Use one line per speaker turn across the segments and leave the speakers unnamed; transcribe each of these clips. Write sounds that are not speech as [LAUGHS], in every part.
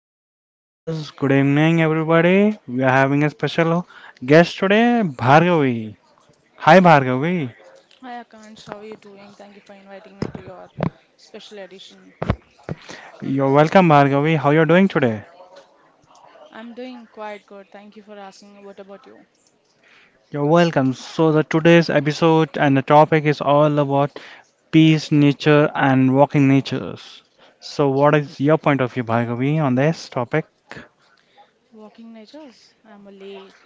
Midnight Masalas. Good evening, everybody. We are having a special guest today, Bhargavi. Hi, Bhargavi.
Hi Akansh, how are you doing? Thank you for inviting me to your special edition.
You're welcome, Bhargavi. How you're doing today?
I'm doing quite good. Thank you for asking. What about you?
You're welcome. So the today's episode and the topic is all about peace, nature, and walking natures. So what is your point of view, Bhargavi, on this topic?
Walking natures?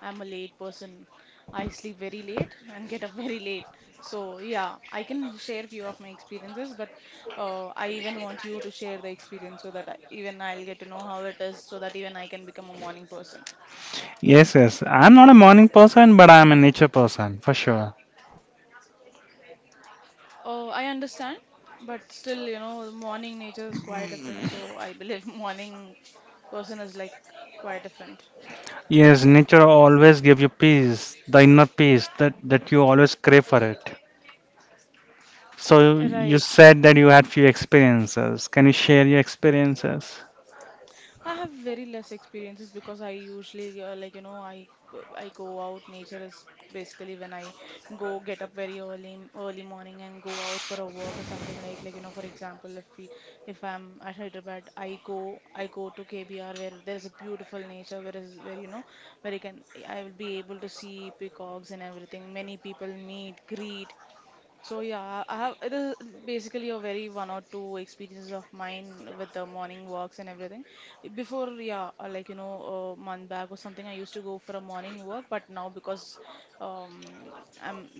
I'm a late person. I sleep very late and get up [LAUGHS] very late. So yeah, I can share few of my experiences, but I even want you to share the experience so that even I'll get to know how it is, so that even I can become a morning person.
Yes, yes. I'm not a morning person, but I'm a nature person for sure.
Oh, I understand, but still, you know, morning nature is quite different. So I believe [LAUGHS] morning person is like quite different.
Yes, nature always give you peace, the inner peace that you always crave for it. So you
Right.
said that you had few experiences. Can you share your experiences? [LAUGHS]
I have very less experiences because I usually like you know I go out. Nature is basically when I go get up very early early morning and go out for a walk or something like you know. For example, if I'm at Hyderabad I go to KBR, where there is a beautiful nature, where is where you know, where I will be able to see peacocks and everything. Many people meet greet. So yeah, I have it is basically a very one or two experiences of mine with the morning walks and everything. Before, yeah, like you know, a month back or something, I used to go for a morning walk, but now because um, I'm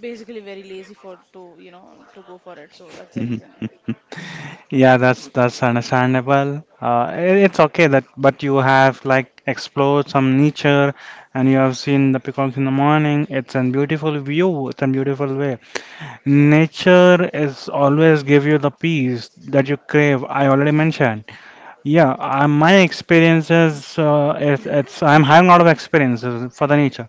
basically very lazy for to you know to go for it, so that's the reason.
Yeah, that's understandable. It's okay that, but you have like explored some nature, and you have seen the peacocks in the morning. It's a beautiful view. It's a beautiful way. Nature is always give you the peace that you crave. I already mentioned. Yeah, my experiences, it's I'm having a lot of experiences for the nature.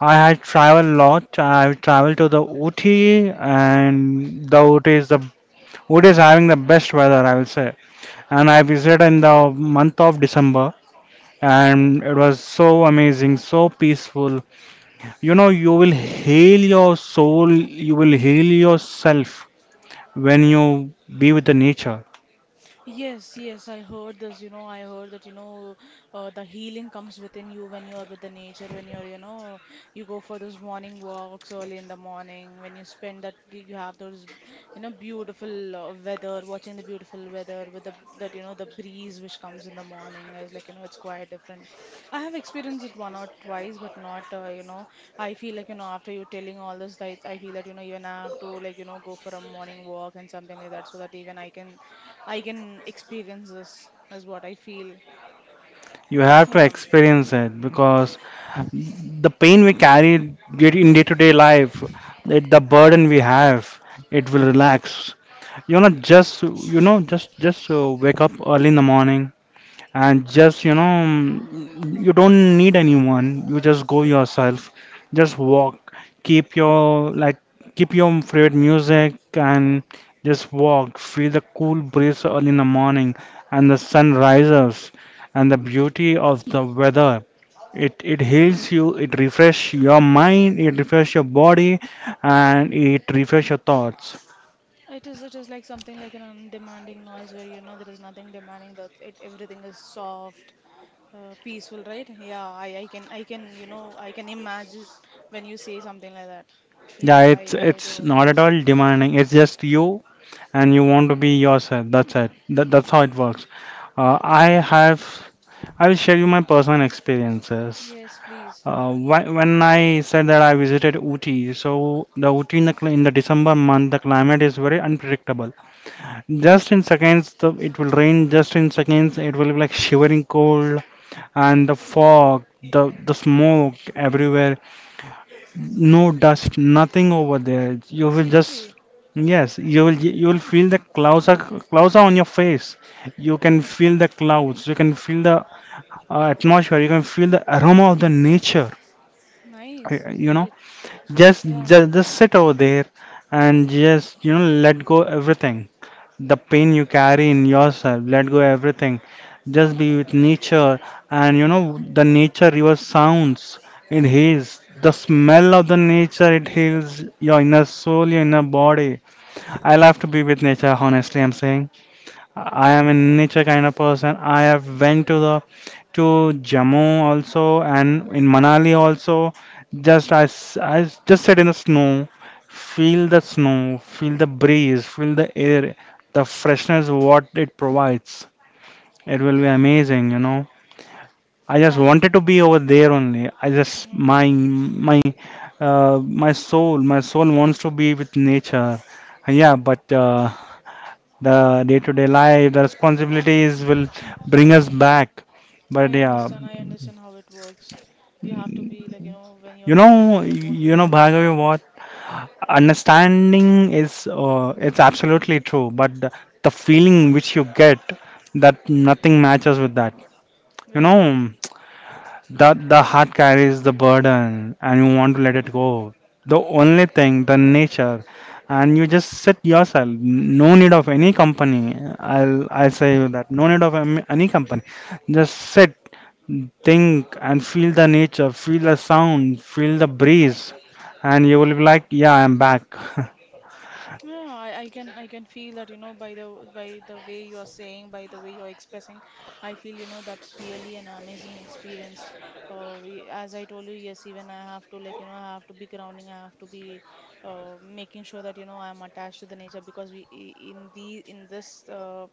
I have traveled a lot. I've traveled to the Ooty, and the Ooty is having the best weather, I will say. And I visited in the month of December, and it was so amazing, so peaceful. You know, you will heal your soul, you will heal yourself when you be with the nature.
Yes, yes, I heard this. You know, I heard that, you know, the healing comes within you when you are with the nature, when you're, you know, you go for those morning walks early in the morning, when you spend that, you have those, you know, beautiful weather, watching the beautiful weather with the, that, you know, the breeze which comes in the morning is like, you know, it's quite different. I have experienced it one or twice, but not, you know, I feel like, you know, after you telling all this, I feel that, you know, even I have to, like, you know, go for a morning walk and something like that so that even I can experience this, is what I feel.
You have to
Yeah,
experience it because the pain we carry in day to day life, the burden we have, it will relax. You know, just wake up early in the morning, and just you don't need anyone, you just go yourself, just walk, keep your like keep your favorite music, and just walk, feel the cool breeze early in the morning, and the sun rises, and the beauty of the weather, it heals you, it refresh your mind, it refresh your body, and it refresh your thoughts.
it is. It is like something like an undemanding noise where you know there is nothing demanding. That it everything is soft, peaceful, right? Yeah, I can you know I can imagine when you say something like that.
Yeah,
Yes, I
it's
I
it's
do.
not at
Yes,
all demanding, it's just you, and you want to be yourself. That's it. That's how it works. Uh, I have, I will share you my personal experiences.
yes, please.
When I said that I visited Uti, so the Uti in the December month, the climate is very unpredictable. Just in seconds, it will rain. Just in seconds, it will be like [LAUGHS] shivering cold, and the fog, the smoke everywhere, no dust, nothing over there. You will just
Seriously,
yes, you will feel the clouds are on your face. You can feel the clouds. You can feel the atmosphere. You can feel the aroma of the nature. uh,
nice.
You
It
know,
it
just,
yeah.
just sit over there, and just let go everything. The pain you carry in yourself, let go everything. Just be with nature, and the nature river sounds, it heals. The smell of the nature, it heals your inner soul, your inner body. I love to be with nature, honestly, I'm saying. I am a nature kind of person. I have went to Jammu also, and in Manali also. Just I just sit in the snow, feel the snow, feel the breeze, feel the air, the freshness what it provides. It will be amazing. I just
I
wanted to be over there only. I just
mhm.
my my my soul wants to be with nature. Yeah, but the day-to-day life, the responsibilities will bring us back. But
I
yeah,
understand. I understand how it works. You have to be like you know when you're busy, you won't be able to.
Bhargavi, what understanding is, it's absolutely true. But the feeling which you get, that nothing matches with that. You
Right.
know, the heart carries the burden, and you want to let it go. The only thing, the nature, and you just sit yourself. No need of any company. I'll I say you that. No need of any company. Just sit, think, and feel the nature, feel the sound, feel the breeze, and you will be like, yeah, I'm back. [LAUGHS]
Yeah, I can feel that, you know, by the way you are saying, by the way you're expressing, I feel, you know, that's really an amazing experience. As I told you, yes, even I have to like, you know, I have to be grounding, I have to be making sure that, you know, I'm attached to the nature because in the in this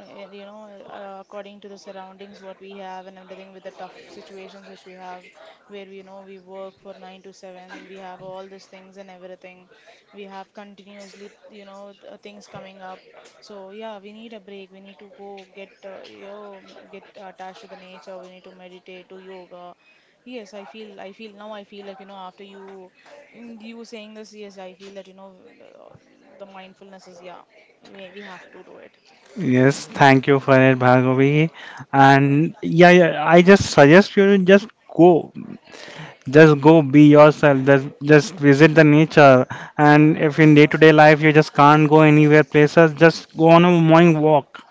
uh, you know, according to the surroundings, what we have and everything with the tough situations which we have, where we know we work for 9 to 7, we have all these things and everything we have continuously you know things coming up. So yeah, we need a break, we need to go get you know get attached to the nature. We need to meditate, do yoga. Yes, I feel like you know after you you saying this, yes I feel that you know the mindfulness is yeah, we have to do it.
Yes, thank you for it, Bhargavi. And yeah, yeah, I just suggest you to just go. Just go be yourself. Just visit the nature. And if in day-to-day life you just can't go anywhere places, just go on a morning walk.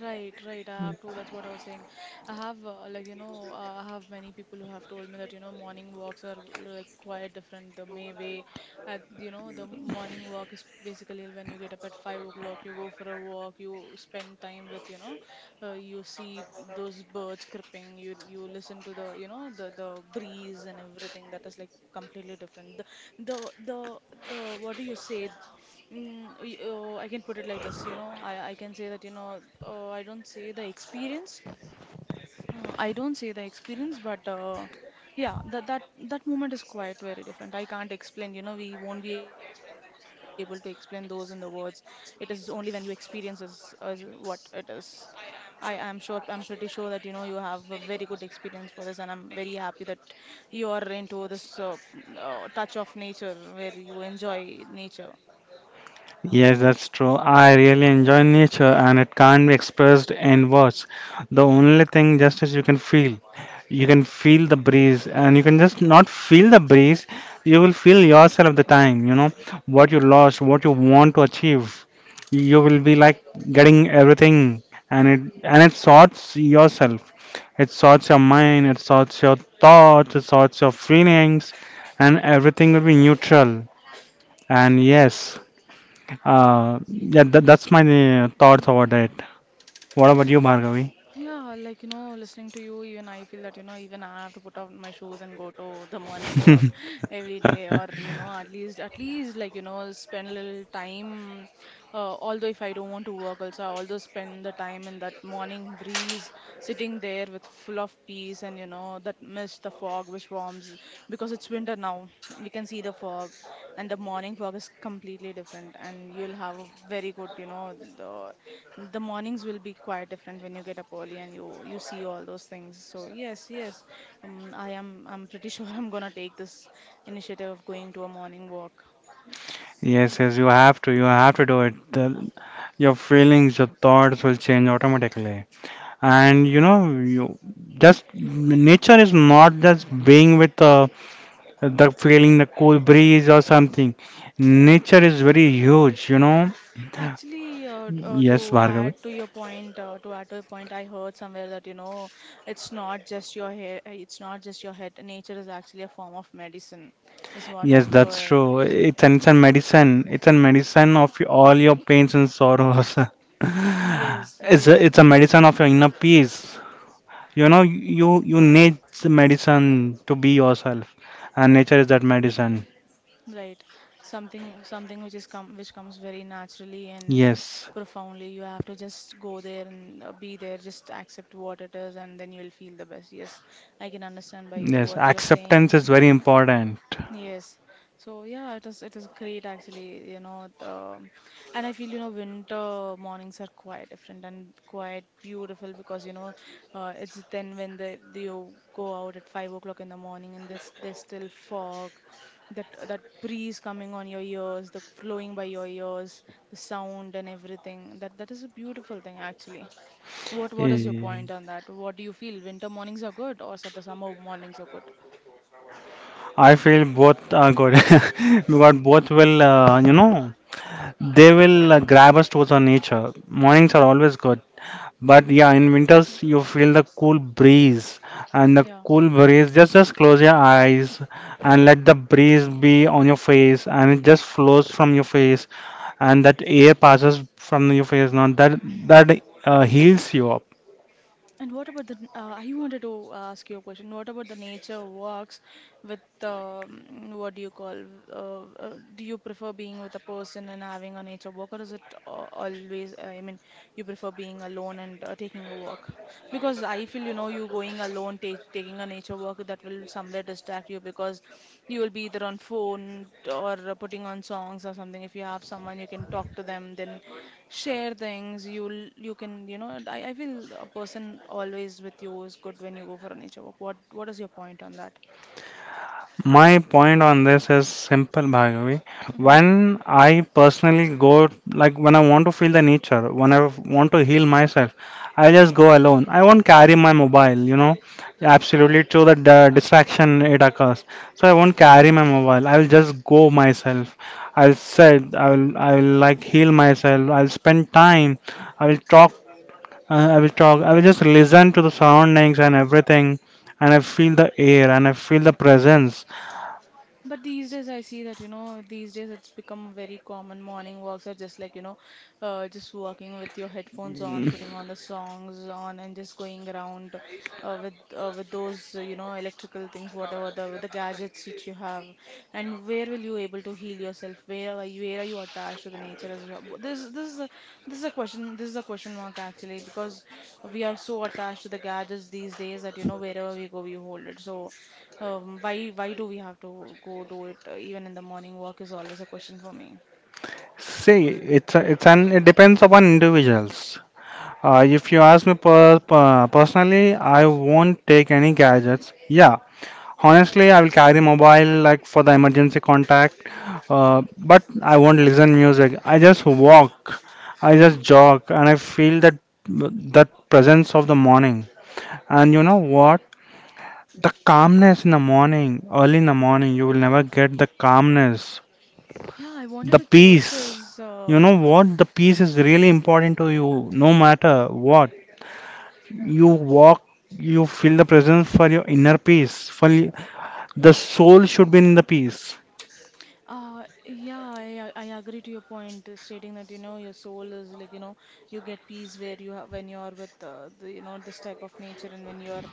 Right, right. I have to. That's what I was saying. I have, like, you know, I have many people who have told me that, you know, morning walks are like quite different the may way. At, you know, the morning walk is basically when you get up at 5 o'clock, you go for a walk, you spend time with, you know, you see those birds chirping, you listen to the, you know, the breeze and everything. That is like completely different. The the, the what do you say? Oh, I can put it like this, you know, I can say that, you know, I don't say the experience. I don't say the experience, but yeah, that that moment is quite very different. I can't explain, you know, we won't be able to explain those in the words. It is only when you experience is what it is. I am sure, I'm pretty sure that, you know, you have a very good experience for this, and I'm very happy that you are into this touch of nature where you enjoy nature.
Yes, that's true. I really enjoy nature, and it can't be expressed in words. The only thing just is you can feel. You can feel the breeze, and you can just not feel the breeze. You will feel yourself the time, what you lost, what you want to achieve. You will be like getting everything, and it sorts yourself. It sorts your mind, it sorts your thoughts, it sorts your feelings, and everything will be neutral. And yes, yeah, that's my thoughts about it. What about you, Bhargavi?
Yeah, like, you know, listening to you, even I feel that, you know, even I have to put on my shoes and go to the morning walk
[LAUGHS]
[LAUGHS] every day, or, you know, at least, like, you know, spend a little time. Although if I don't want to work, also, I also spend the time in that morning breeze, sitting there with full of peace and, you know, that mist, the fog which forms because it's winter now. We can see the fog, and the morning fog is completely different. And you'll have a very good, you know, the mornings will be quite different when you get up early and you see all those things. So yes, yes, I am I'm pretty [LAUGHS] sure I'm gonna take this initiative of going to a morning walk.
Yes, yes, you have to. You have to do it. Your feelings, your thoughts will change automatically. And you know, you just nature is not just being with the feeling, the cool breeze or something. Nature is very huge.
Actually,
Yes,
to
Bhargavi.
add to your point, to add to your point, I heard somewhere that you know it's not just your hair, it's not just your head. Nature is actually a form of medicine, is what I
Yes, that's
heard.
true. It's a medicine. It's a medicine of all your pains and sorrows. [LAUGHS]
Yes,
It's a,
yes,
it's a medicine of your inner peace. You need the medicine to be yourself, and nature is that medicine.
right. Something, something which is come, which comes very naturally and
Yes,
profoundly. You have to just go there and be there, just accept what it is, and then you'll feel the best. Yes, I can understand by
yes.
what you're
Acceptance
saying.
is very important.
Yes. So yeah, it is great actually, you know, the and I feel, you know, winter mornings are quite different and quite beautiful because, you know, it's then when the you go out at 5 o'clock in the morning and there's still fog, that that breeze coming on your ears, the flowing by your ears, the sound and everything. That is a beautiful thing actually. What is your
Eh,
point on that? What do you feel? Winter mornings are good or so the summer mornings are good?
I feel both are good [LAUGHS] because both will, you know, they will grab us towards our nature. Mornings are always good. But yeah, in winters you feel the cool breeze, and the
Yeah.
cool breeze, just close your eyes, and let the breeze be on your face, and it just flows from your face, and that air passes from your face, now that heals you up.
And what about the, I wanted to ask you a question. What about the nature walks with, what do you call, do you prefer being with a person and having a nature walk, or is it always, I mean, you prefer being alone and taking a walk? Because I feel, you know, you going alone, ta taking a nature walk, that will somewhere distract you because you will be either on phone or putting on songs or something. If you have someone, you can talk to them, then share things you'll you know I feel a person always with you is good when you go for a nature walk. What is your point on that?
My point on this is simple, Bhargavi.
Mm-hmm.
When I personally go, like when I want to feel the nature, when I want to heal myself, I just go alone. I won't carry my mobile, absolutely to the distraction it occurs. So I won't carry my mobile. I'll just go myself. I'll sit. I'll like heal myself. I'll spend time. I will talk. I will talk. I will just listen to the surroundings and everything, and I feel the air, and I feel the presence.
But these days, I see that, you know, these days it's become very common. Morning walks are just like, you know, just walking with your headphones on, putting on the songs on, and just going around with those, you know, electrical things, whatever the gadgets which you have. And where will you able to heal yourself? Where are you? Where are you attached to the nature as well? This is a, this is a question. This is a question mark actually because we are so attached to the gadgets these days that you know wherever we go we hold it. So why do we have to go do it even in the morning? Walk is always a question for me.
See, it's a- it's an it depends upon individuals. If you ask me personally, I won't take any gadgets. Yeah, honestly, I will carry mobile like for the emergency contact, uh, but I won't listen music. I just walk, I just jog, and I feel that presence of the morning. And you know what? The calmness in the morning, early in the morning, you will never get the calmness.
Yeah, I
The
wanted to check
peace.
this.
You know what? The peace is really important to you. No matter what you walk, you feel the presence for your inner peace. The soul should be in the peace.
Yeah, I agree to your point, stating that you know your soul is like you know you get peace where you have when you are with the you know this type of nature and when you are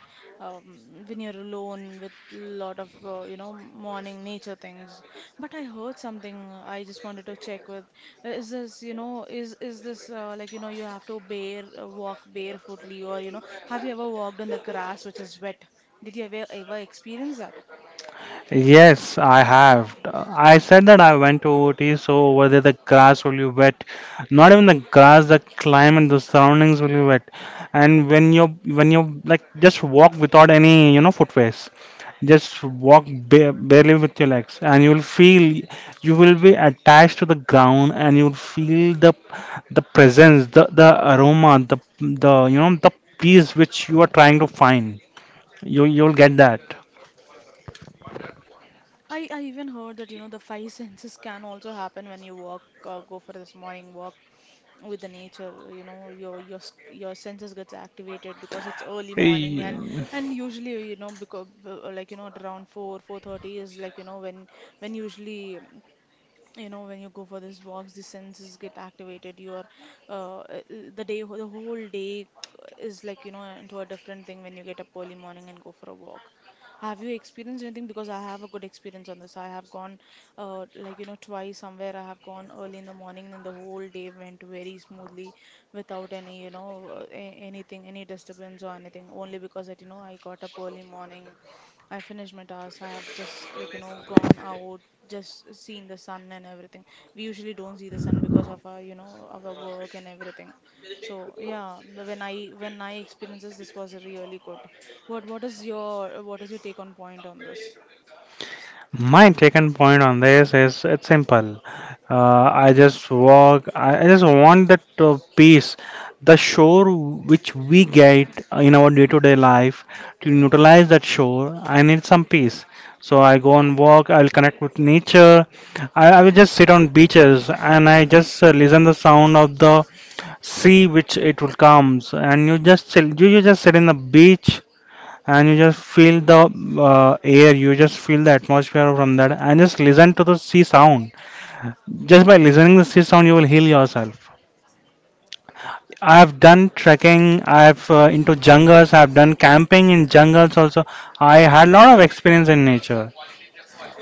um, when you're alone with lot of you know morning nature things. But I heard something, I just wanted to check with. Is this, you know, is this, like you know, you have to bare, walk barefootly, or you know, have you ever walked on the grass which is wet? Did you ever experience that?
Yes, I have. I said that I went to OT, so whether the grass will be wet, not even the grass, the climate, the surroundings will be wet. And when you like just walk without any footwear. Just walk ba barely with your legs, and you will feel you will be attached to the ground, and you will feel the presence, the aroma, the peace which you are trying to find. You'll get that.
I even heard that, you know, the five [LAUGHS] senses can also happen when you walk, go for this morning walk with the nature. You know, your senses gets activated because it's early morning. And usually, you know, because like you know, at around four four thirty is like you know when usually, you know, when you go for these walks, the senses get activated. You are, uh, uh, the day, the whole day is like you know, into a different thing when you get up early morning and go for a walk. Have you experienced anything? Because I have a good experience on this. I have gone, like you know, twice somewhere. I have gone early in the morning and the whole day went very smoothly without any, you know, anything, any disturbance or anything, only because that, you know, I got up early morning. I finished my task. I have just, like you know, gone out, just seen the sun and everything. We usually don't see the sun because of our, you know, our work and everything. So yeah, when I, when I experiences this, was really good. What is your take on point on this?
My taken point on this is it's simple. I just walk. I just want that peace, the shore which we get in our day-to-day life. To neutralize that shore, I need some peace. So I go and walk. I'll connect with nature. I will just sit on beaches, and I just listen the sound of the sea which it will comes. And you just chill. You just sit in the beach, and you just feel the air, you just feel the atmosphere from that, and just listen to the sea sound. Just by listening to the sea sound you will heal yourself. I've done trekking, I've into jungles, I've done camping in jungles also. I had a lot of experience in nature.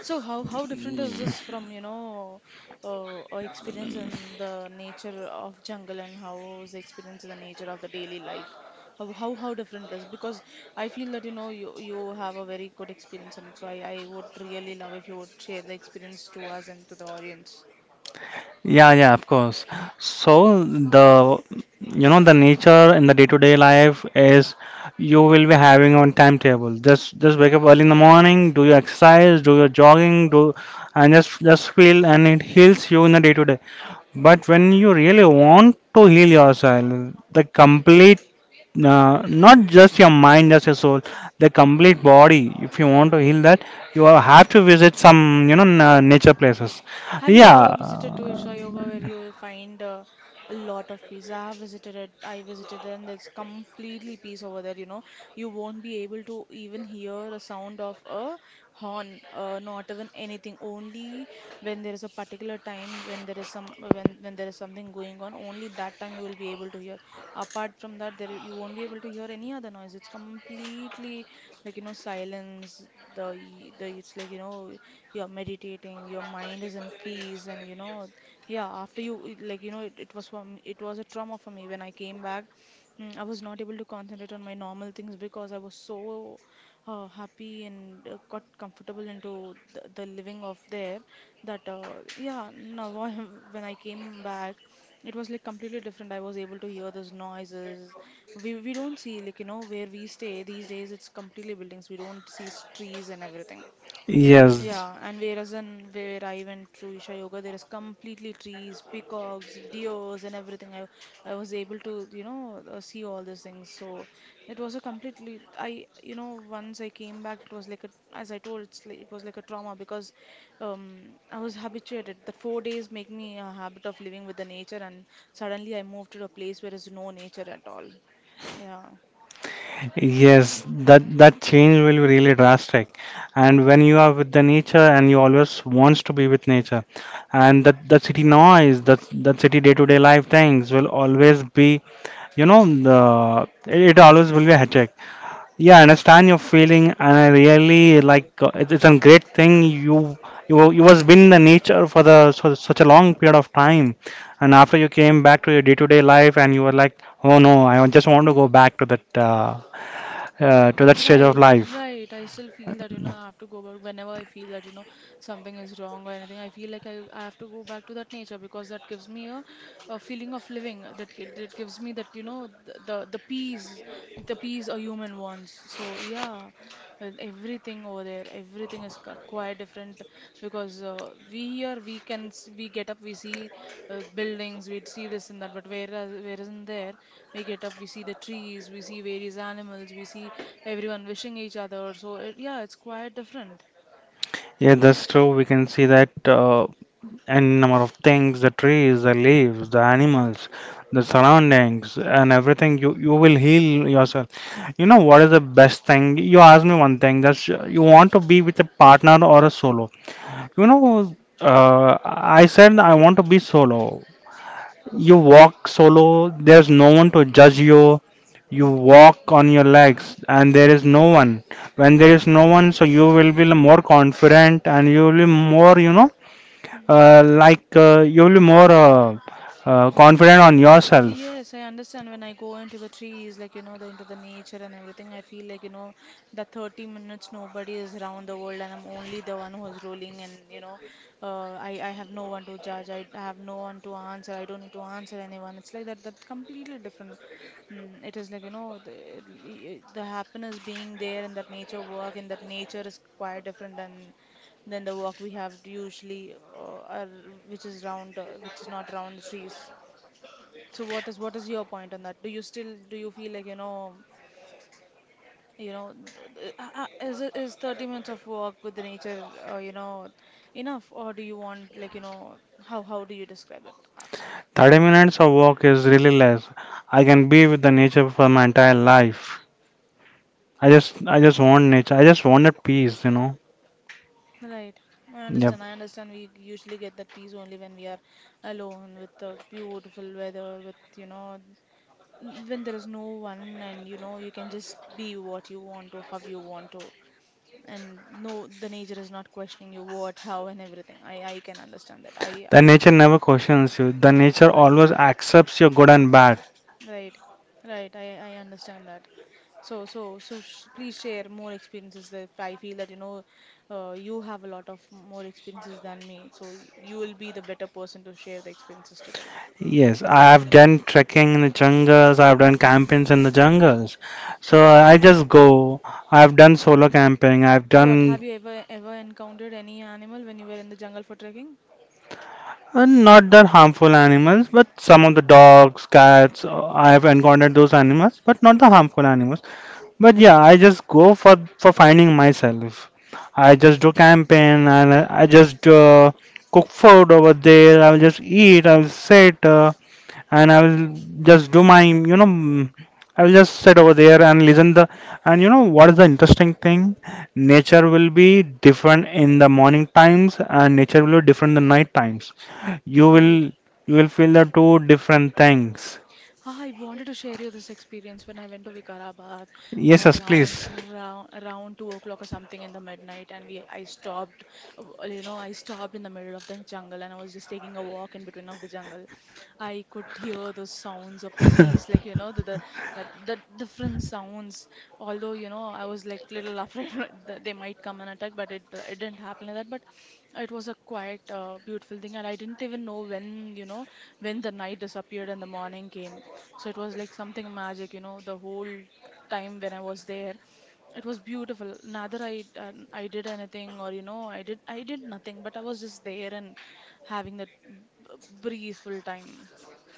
So how different is this from, you know, experience in the nature of jungle, and how is the experience in the nature of the daily life? How different is? Because I feel that, you know, you have a very good experience, and so I would really love if you would share the experience to us and to the audience.
Yeah, yeah, of course. So the you know the nature in the day-to-day life is, you will be having on timetable. Just wake up early in the morning, do your exercise, do your jogging, do, and just feel, and it heals you in the day-to-day. But when you really want to heal yourself, the complete, not just your mind as a soul, the complete body, if you want to heal that, you have to visit some nature places,
Have you
yeah.
ever visited to Isha Yoga where you will find, a lot of peace? I have visited it. I visited there and there's completely peace over there, you know. You won't be able to even hear the sound of a horn, not even anything. Only when there is a particular time, when there is some, when there is something going on, only that time you will be able to hear. Apart from that, there you won't be able to hear any other noise. It's completely, like you know, silence. The it's like you know, you're meditating, your mind is in peace and you know. Yeah, after you like you know, it was for me, it was a trauma for me when I came back. Mm, I was not able to concentrate on my normal things because I was so, happy, and got comfortable into the living of there, that, yeah, now [LAUGHS] when I came back, it was like completely different. I was able to hear those noises. We don't see, like you know, where we stay these days, it's completely buildings. We don't see trees and everything.
Yes,
Yeah, and whereas in, where I went to Isha Yoga, there is completely trees, peacocks, deers, and everything. I was able to, you know, see all these things. So it was a completely, I, you know, once I came back, it was like a, as I told, it's like it was like a trauma because, I was habituated. The 4 days make me a habit of living with the nature, and suddenly I moved to a place where is no nature at all. Yeah.
yes, that change will be really drastic. And when you are with the nature and you always wants to be with nature, and that city noise, that city day-to-day life things will always be, you know, the it, it always will be a headache. Yeah, I understand your feeling, and I really like it's a great thing. You you was been in the nature for the for such a long period of time, and after you came back to your day-to-day life, and you were like, oh no, I just want to go back to that stage of
Right,
life.
right. I still feel that, you know, I have to go back whenever I feel that, you know, something is wrong or anything. I feel like I have to go back to that nature because that gives me a feeling of living. That gives me that, you know, the peace, the peace a human wants. So yeah, everything over there, everything is quite different, because, we here we can we get up, we see, buildings, we see this and that, but whereas in there we get up, we see the trees, we see various animals, we see everyone wishing each other. So it, yeah, it's quite different,
Yeah, that's true. We can see that And number of things, the trees, the leaves, the animals, the surroundings, and everything. You will heal yourself. You know what is the best thing? You asked me one thing. That's You want to be with a partner or a solo. You know, I said I want to be solo. You walk solo. There's no one to judge you. You
right?
walk on your legs, and there is no one. When there is no one, so you will be more confident, and you will be more, you know
Hmm.
like you'll be more confident on yourself.
Yes, I understand. When I go into the trees, like you know, the into the nature and everything, I feel like you know, that 30 minutes nobody is around the world, and I'm only the one who is rolling, and you know, I have no one to judge. I have no one to answer. I don't need to answer anyone. It's like that. That completely different. Mm, it is like you know, the happiness being there in that nature walk, and that nature is quite different than the walk we have usually, or which is round, which is not round the trees. So what is your point on that? Do you still do you feel like you know, you know is is 30 minutes of walk with the nature, you know, enough? Or do you want, like you know, how do you describe it?
30 minutes of walk is really less. I can be with the nature for my entire life. I just want nature. I just wanted peace, you know.
Right. I
Yep.
understand. I understand. We usually get that peace only when we are alone with the beautiful weather, with, you know, when there is no one and, you know, you can just be what you want to, how you want to. And no, the nature is not questioning you what how and everything. I can understand that. i
The
i
nature never questions you. The nature always accepts your good and bad.
right right I understand that. So so so sh please share more experiences. If I feel that, you know, you have a lot of more experiences than me, so you will be the better person to share the experiences today.
Yes, I have done trekking in the jungles. I have done campings in the jungles. So I just go. I have done solo camping. I have
What,
done
have you ever encountered any animal when you were in the jungle for trekking?
and not that harmful animals, but some of the dogs, cats, I have encountered those animals, but not the harmful animals. But yeah, I just go for finding myself. I just do camping and I just cook food over there. I'll just eat. I'll sit. And I will just do my I will just sit over there and listen the and you know what is the interesting thing, nature will be different in the morning times and nature will be different in the night times. you will
Right.
you will feel the two different things.
Ah, I wanted to share you this experience when I went to Vikarabad, uh,
Yes, yes,
around
please.
around around 2 o'clock or something in the midnight, and we I stopped, you know, I stopped in the middle of the jungle, and I was just taking a walk in between of the jungle. I could hear those sounds of the bees, like you know, the different sounds. Although you know, I was like little afraid [LAUGHS] that they might come and attack, but it didn't happen like that. But it was a quite, beautiful thing, and I didn't even know when, you know, when the night disappeared and the morning came. So it was like something magic, you know, the whole time when I was there. It was beautiful. Neither I, I did anything, or you know, I did nothing, but I was just there and having that briefful time.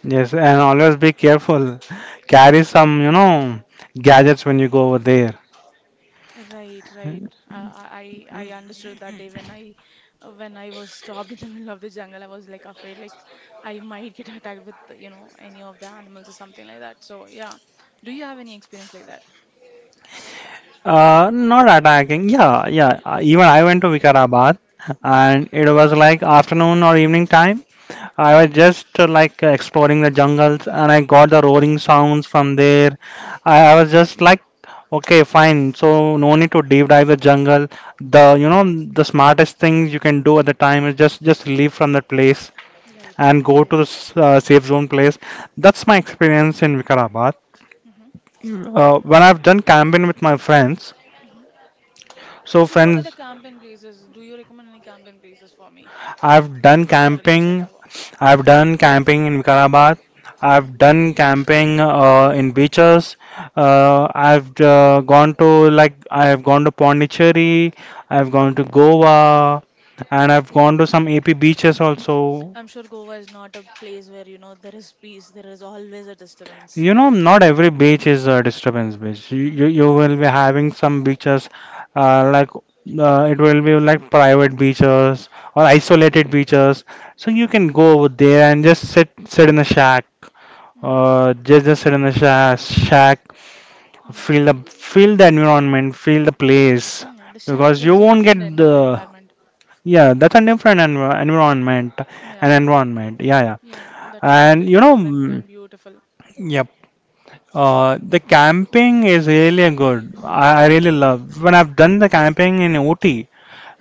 Yes, and always be careful, carry some gadgets when you go over there.
Right, right. I understood that day when I, when I was stopped in the [LAUGHS] middle of the jungle, I was like afraid, like I might get [LAUGHS] attacked with, you know, any of the animals or something like that. So yeah. Do you have any experience like that?
Not attacking. Yeah, yeah. Even I went to Vikarabad,
Mm-hmm.
and it was like afternoon or evening time. I was
Mm-hmm.
just exploring the jungles and I got the roaring sounds from there. I
Mm-hmm.
was just like, okay, fine. So no need to deep dive the jungle. The you know the smartest things you can do at the time is just leave from that place
Right,
and go to
right.
the safe zone place. That's my experience in Vikarabad.
Mm-hmm. Mm-hmm.
When I've done camping with my friends, so
So, what are the
friends
camping places? Do you recommend any camping places for me?
I've done
Because you're a nature
camping.
lover.
I've done camping in Vikarabad. I've
Mm-hmm.
done camping in beaches. I've gone to like I've gone to Pondicherry. I've gone to Goa, and I've gone to some AP beaches also.
I'm sure Goa is not a place where, you know, there is peace, there is always a disturbance.
You know, not every beach is a disturbance beach. You
Mm-hmm.
you, you will be having some beaches, it will be like private beaches or isolated beaches. So you can go over there and just sit in a shack,
Mm-hmm.
just sit in a shack, feel the environment, feel the place,
Mm-hmm. The shack
because you
gives a
won't get
different en
the,
environment.
yeah. That's a different environment, an
Yeah.
environment. Yeah, yeah.
Yeah, that is
And you
completely
know,
different and beautiful.
yeah. The camping is really a good. I really love when I've done the camping in Ooty.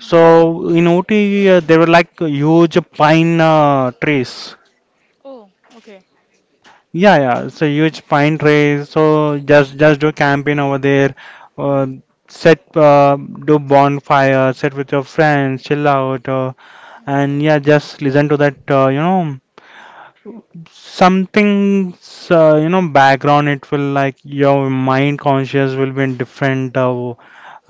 Hmm.
in Ooty, there were like huge pine trees.
Oh, okay.
Yeah, yeah, so huge pine trees. So just do camping over there. Uh,
Hmm.
Set do bonfire. Sit with your friends, chill out,
Hmm.
and yeah, just listen to that. Something's background it will like your mind conscious will be in different uh,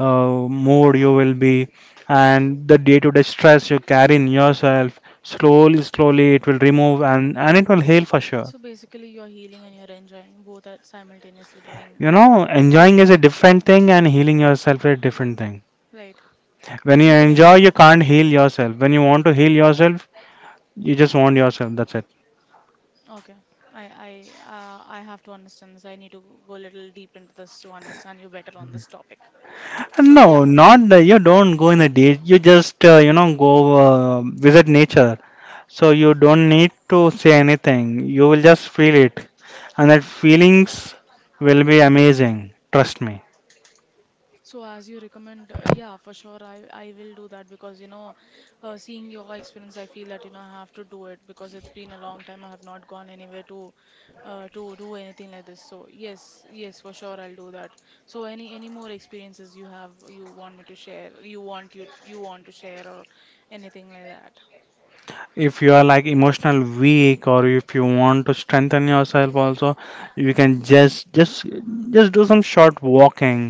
uh, mood you will be and the day-to-day stress you carry in yourself, slowly it will remove and it will heal for sure.
So basically, you're healing and you're enjoying both at simultaneously doing
You know, enjoying is
curated
a
with,
different thing and healing yourself is a different thing.
right.
When you
You can
enjoy
explain
you
that.
can't heal yourself. When you want to heal yourself, you just want yourself, that's it.
Okay. I have to understand this. I need to go a little deep into this to understand you better on this topic. So
No,
yeah.
not that you don't go in a day. You just go visit nature. So you don't need to say anything. You will just feel it. And that feelings will be amazing. Trust me.
So as you recommend, yeah, for sure, I will do that because, you know, seeing your experience, I feel that, you know, I have to do it because it's been a long time. I have not gone anywhere to do anything like this. So yes, yes, for sure, I'll do that. So any more experiences you have, you want me to share, you want you want to share, or anything like that.
If you are like emotional weak or if you want to strengthen yourself also, you can just do some short walking.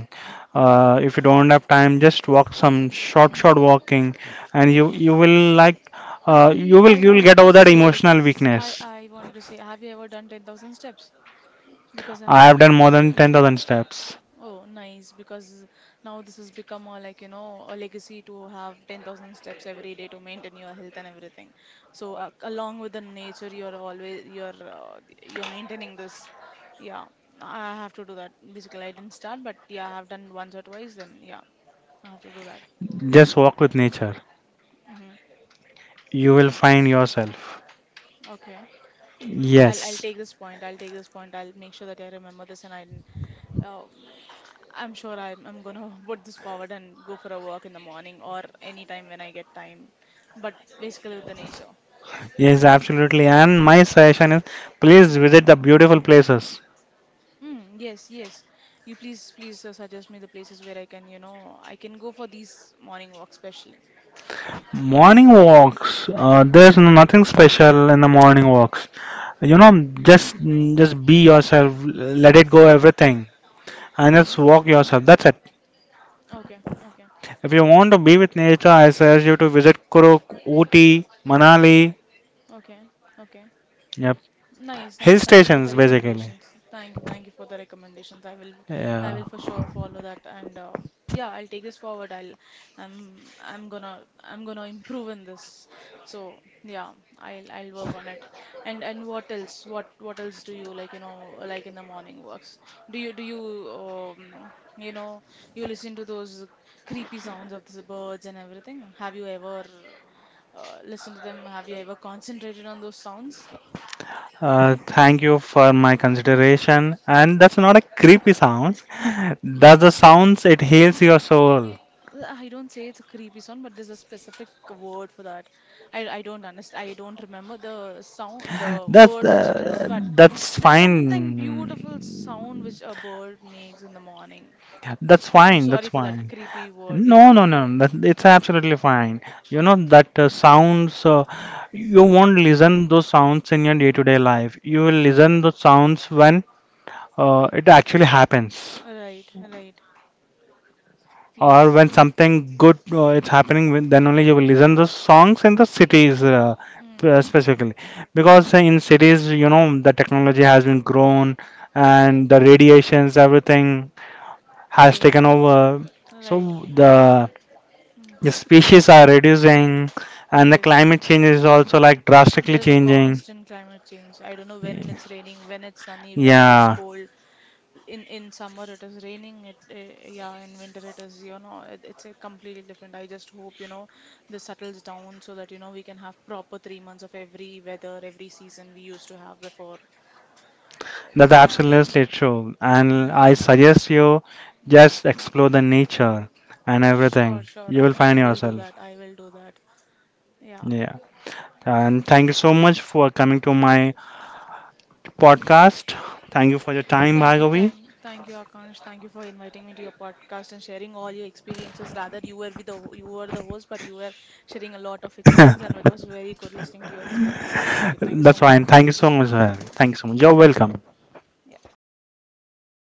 If you don't have time, just walk some short walking and you will like
I, I I
you will
wanted
get
to
over that
say
emotional
this. I
weakness.
I wanted to say, have you ever done 10,000 steps? Because I,
I have done more than 10,000 steps.
oh, nice. Because now this has become a, like you know, a legacy to have 10,000 steps every day to maintain your health and everything. So, along with the nature, you're always you're maintaining this. Yeah, I have to do that. Basically, I didn't start, but yeah, I have done once or twice. Then yeah, I have to do that.
Just walk with nature.
Mm-hmm.
You will find yourself.
Okay. I'll
Yes,
take this point. I'll take this point. I'll make sure that I remember this, and I, um I'm sure I'm gonna [LAUGHS] put this forward and go for a walk in the morning or any time when I get time. But basically with the nature.
yes, absolutely. And my suggestion is please visit the beautiful places.
Mm, yes, yes. You please suggest me the places where I can, you know, I can go for these morning walks especially.
Morning walks, there's no, nothing special in the morning walks. You know, just be yourself, let it go everything, and
Mm-hmm.
just walk yourself. That's it.
Okay, okay,
If you want to be with nature, I suggest you to visit Kuruk, Ooty, Manali,
okay, okay.
yep,
Nice,
hill
nice. Thank you for the
stations basically.
recommendations. Thank you for the recommendations. I
Yeah.
will for sure follow that, and yeah, I'll take this forward. I'll, I'm gonna improve in this. So yeah, I'll work on it. And what else? What else do you like? You know, like in the morning works. Do you um, you know, you listen to those creepy sounds of the birds and everything? Have you ever, listened to them? Have you ever concentrated on those sounds?
Thank you for my consideration. And that's not a creepy sounds. That's the sounds it heals your soul.
I don't say it's a creepy sound, but there's a specific word for that. I don't understand. I don't remember the sound, the
That's
word which it is,
uh,
but
that's
there's something beautiful
fine.
sound which a bird makes in the morning.
That's
I'm
fine. That's
sorry for that
fine.
creepy word.
No,
Yeah.
no, no. That, it's absolutely fine. You know that sounds. You won't listen those sounds in your day-to-day life. You will listen those sounds when it actually happens.
Right, right.
Or
Yes.
when something good it's happening with- then only you will listen the songs in the cities
Mm,
specifically
mm,
because in cities you know the technology has been grown and the radiations everything has
right,
taken over, so
right. Mm,
the species are reducing and the
yes.
climate change is also like drastically
There is a
changing.
constant climate change. I don't know when it's raining, when it's sunny, when it is
Yeah,
cold. In summer it is raining, it, yeah, in winter it is, you know, it's a completely different. I just hope, you know, this settles down so that, you know, we can have proper 3 months of every weather, every season we used to have before. Uh,
that's
yeah,
absolutely true and
yeah,
I suggest you
mm.
just explore the nature and
Sure,
everything.
sure,
You
i
will
i
find
will do
yourself.
that, I will do that. Yeah.
Yeah. And thank you so much for coming to my podcast. Thank you for your time,
Thank you,
Bhargavi.
thank you, Akash. Thank you for inviting me to your podcast and sharing all your experiences. Rather, you were with the you were the host, but you were sharing a lot of experience, and it was very good listening to your experiences.
[LAUGHS]
Thank you so
That's
much for
fine. Thank you
calling.
so much. Bhargavi. Thank you so much. You're welcome.
Yeah, have a good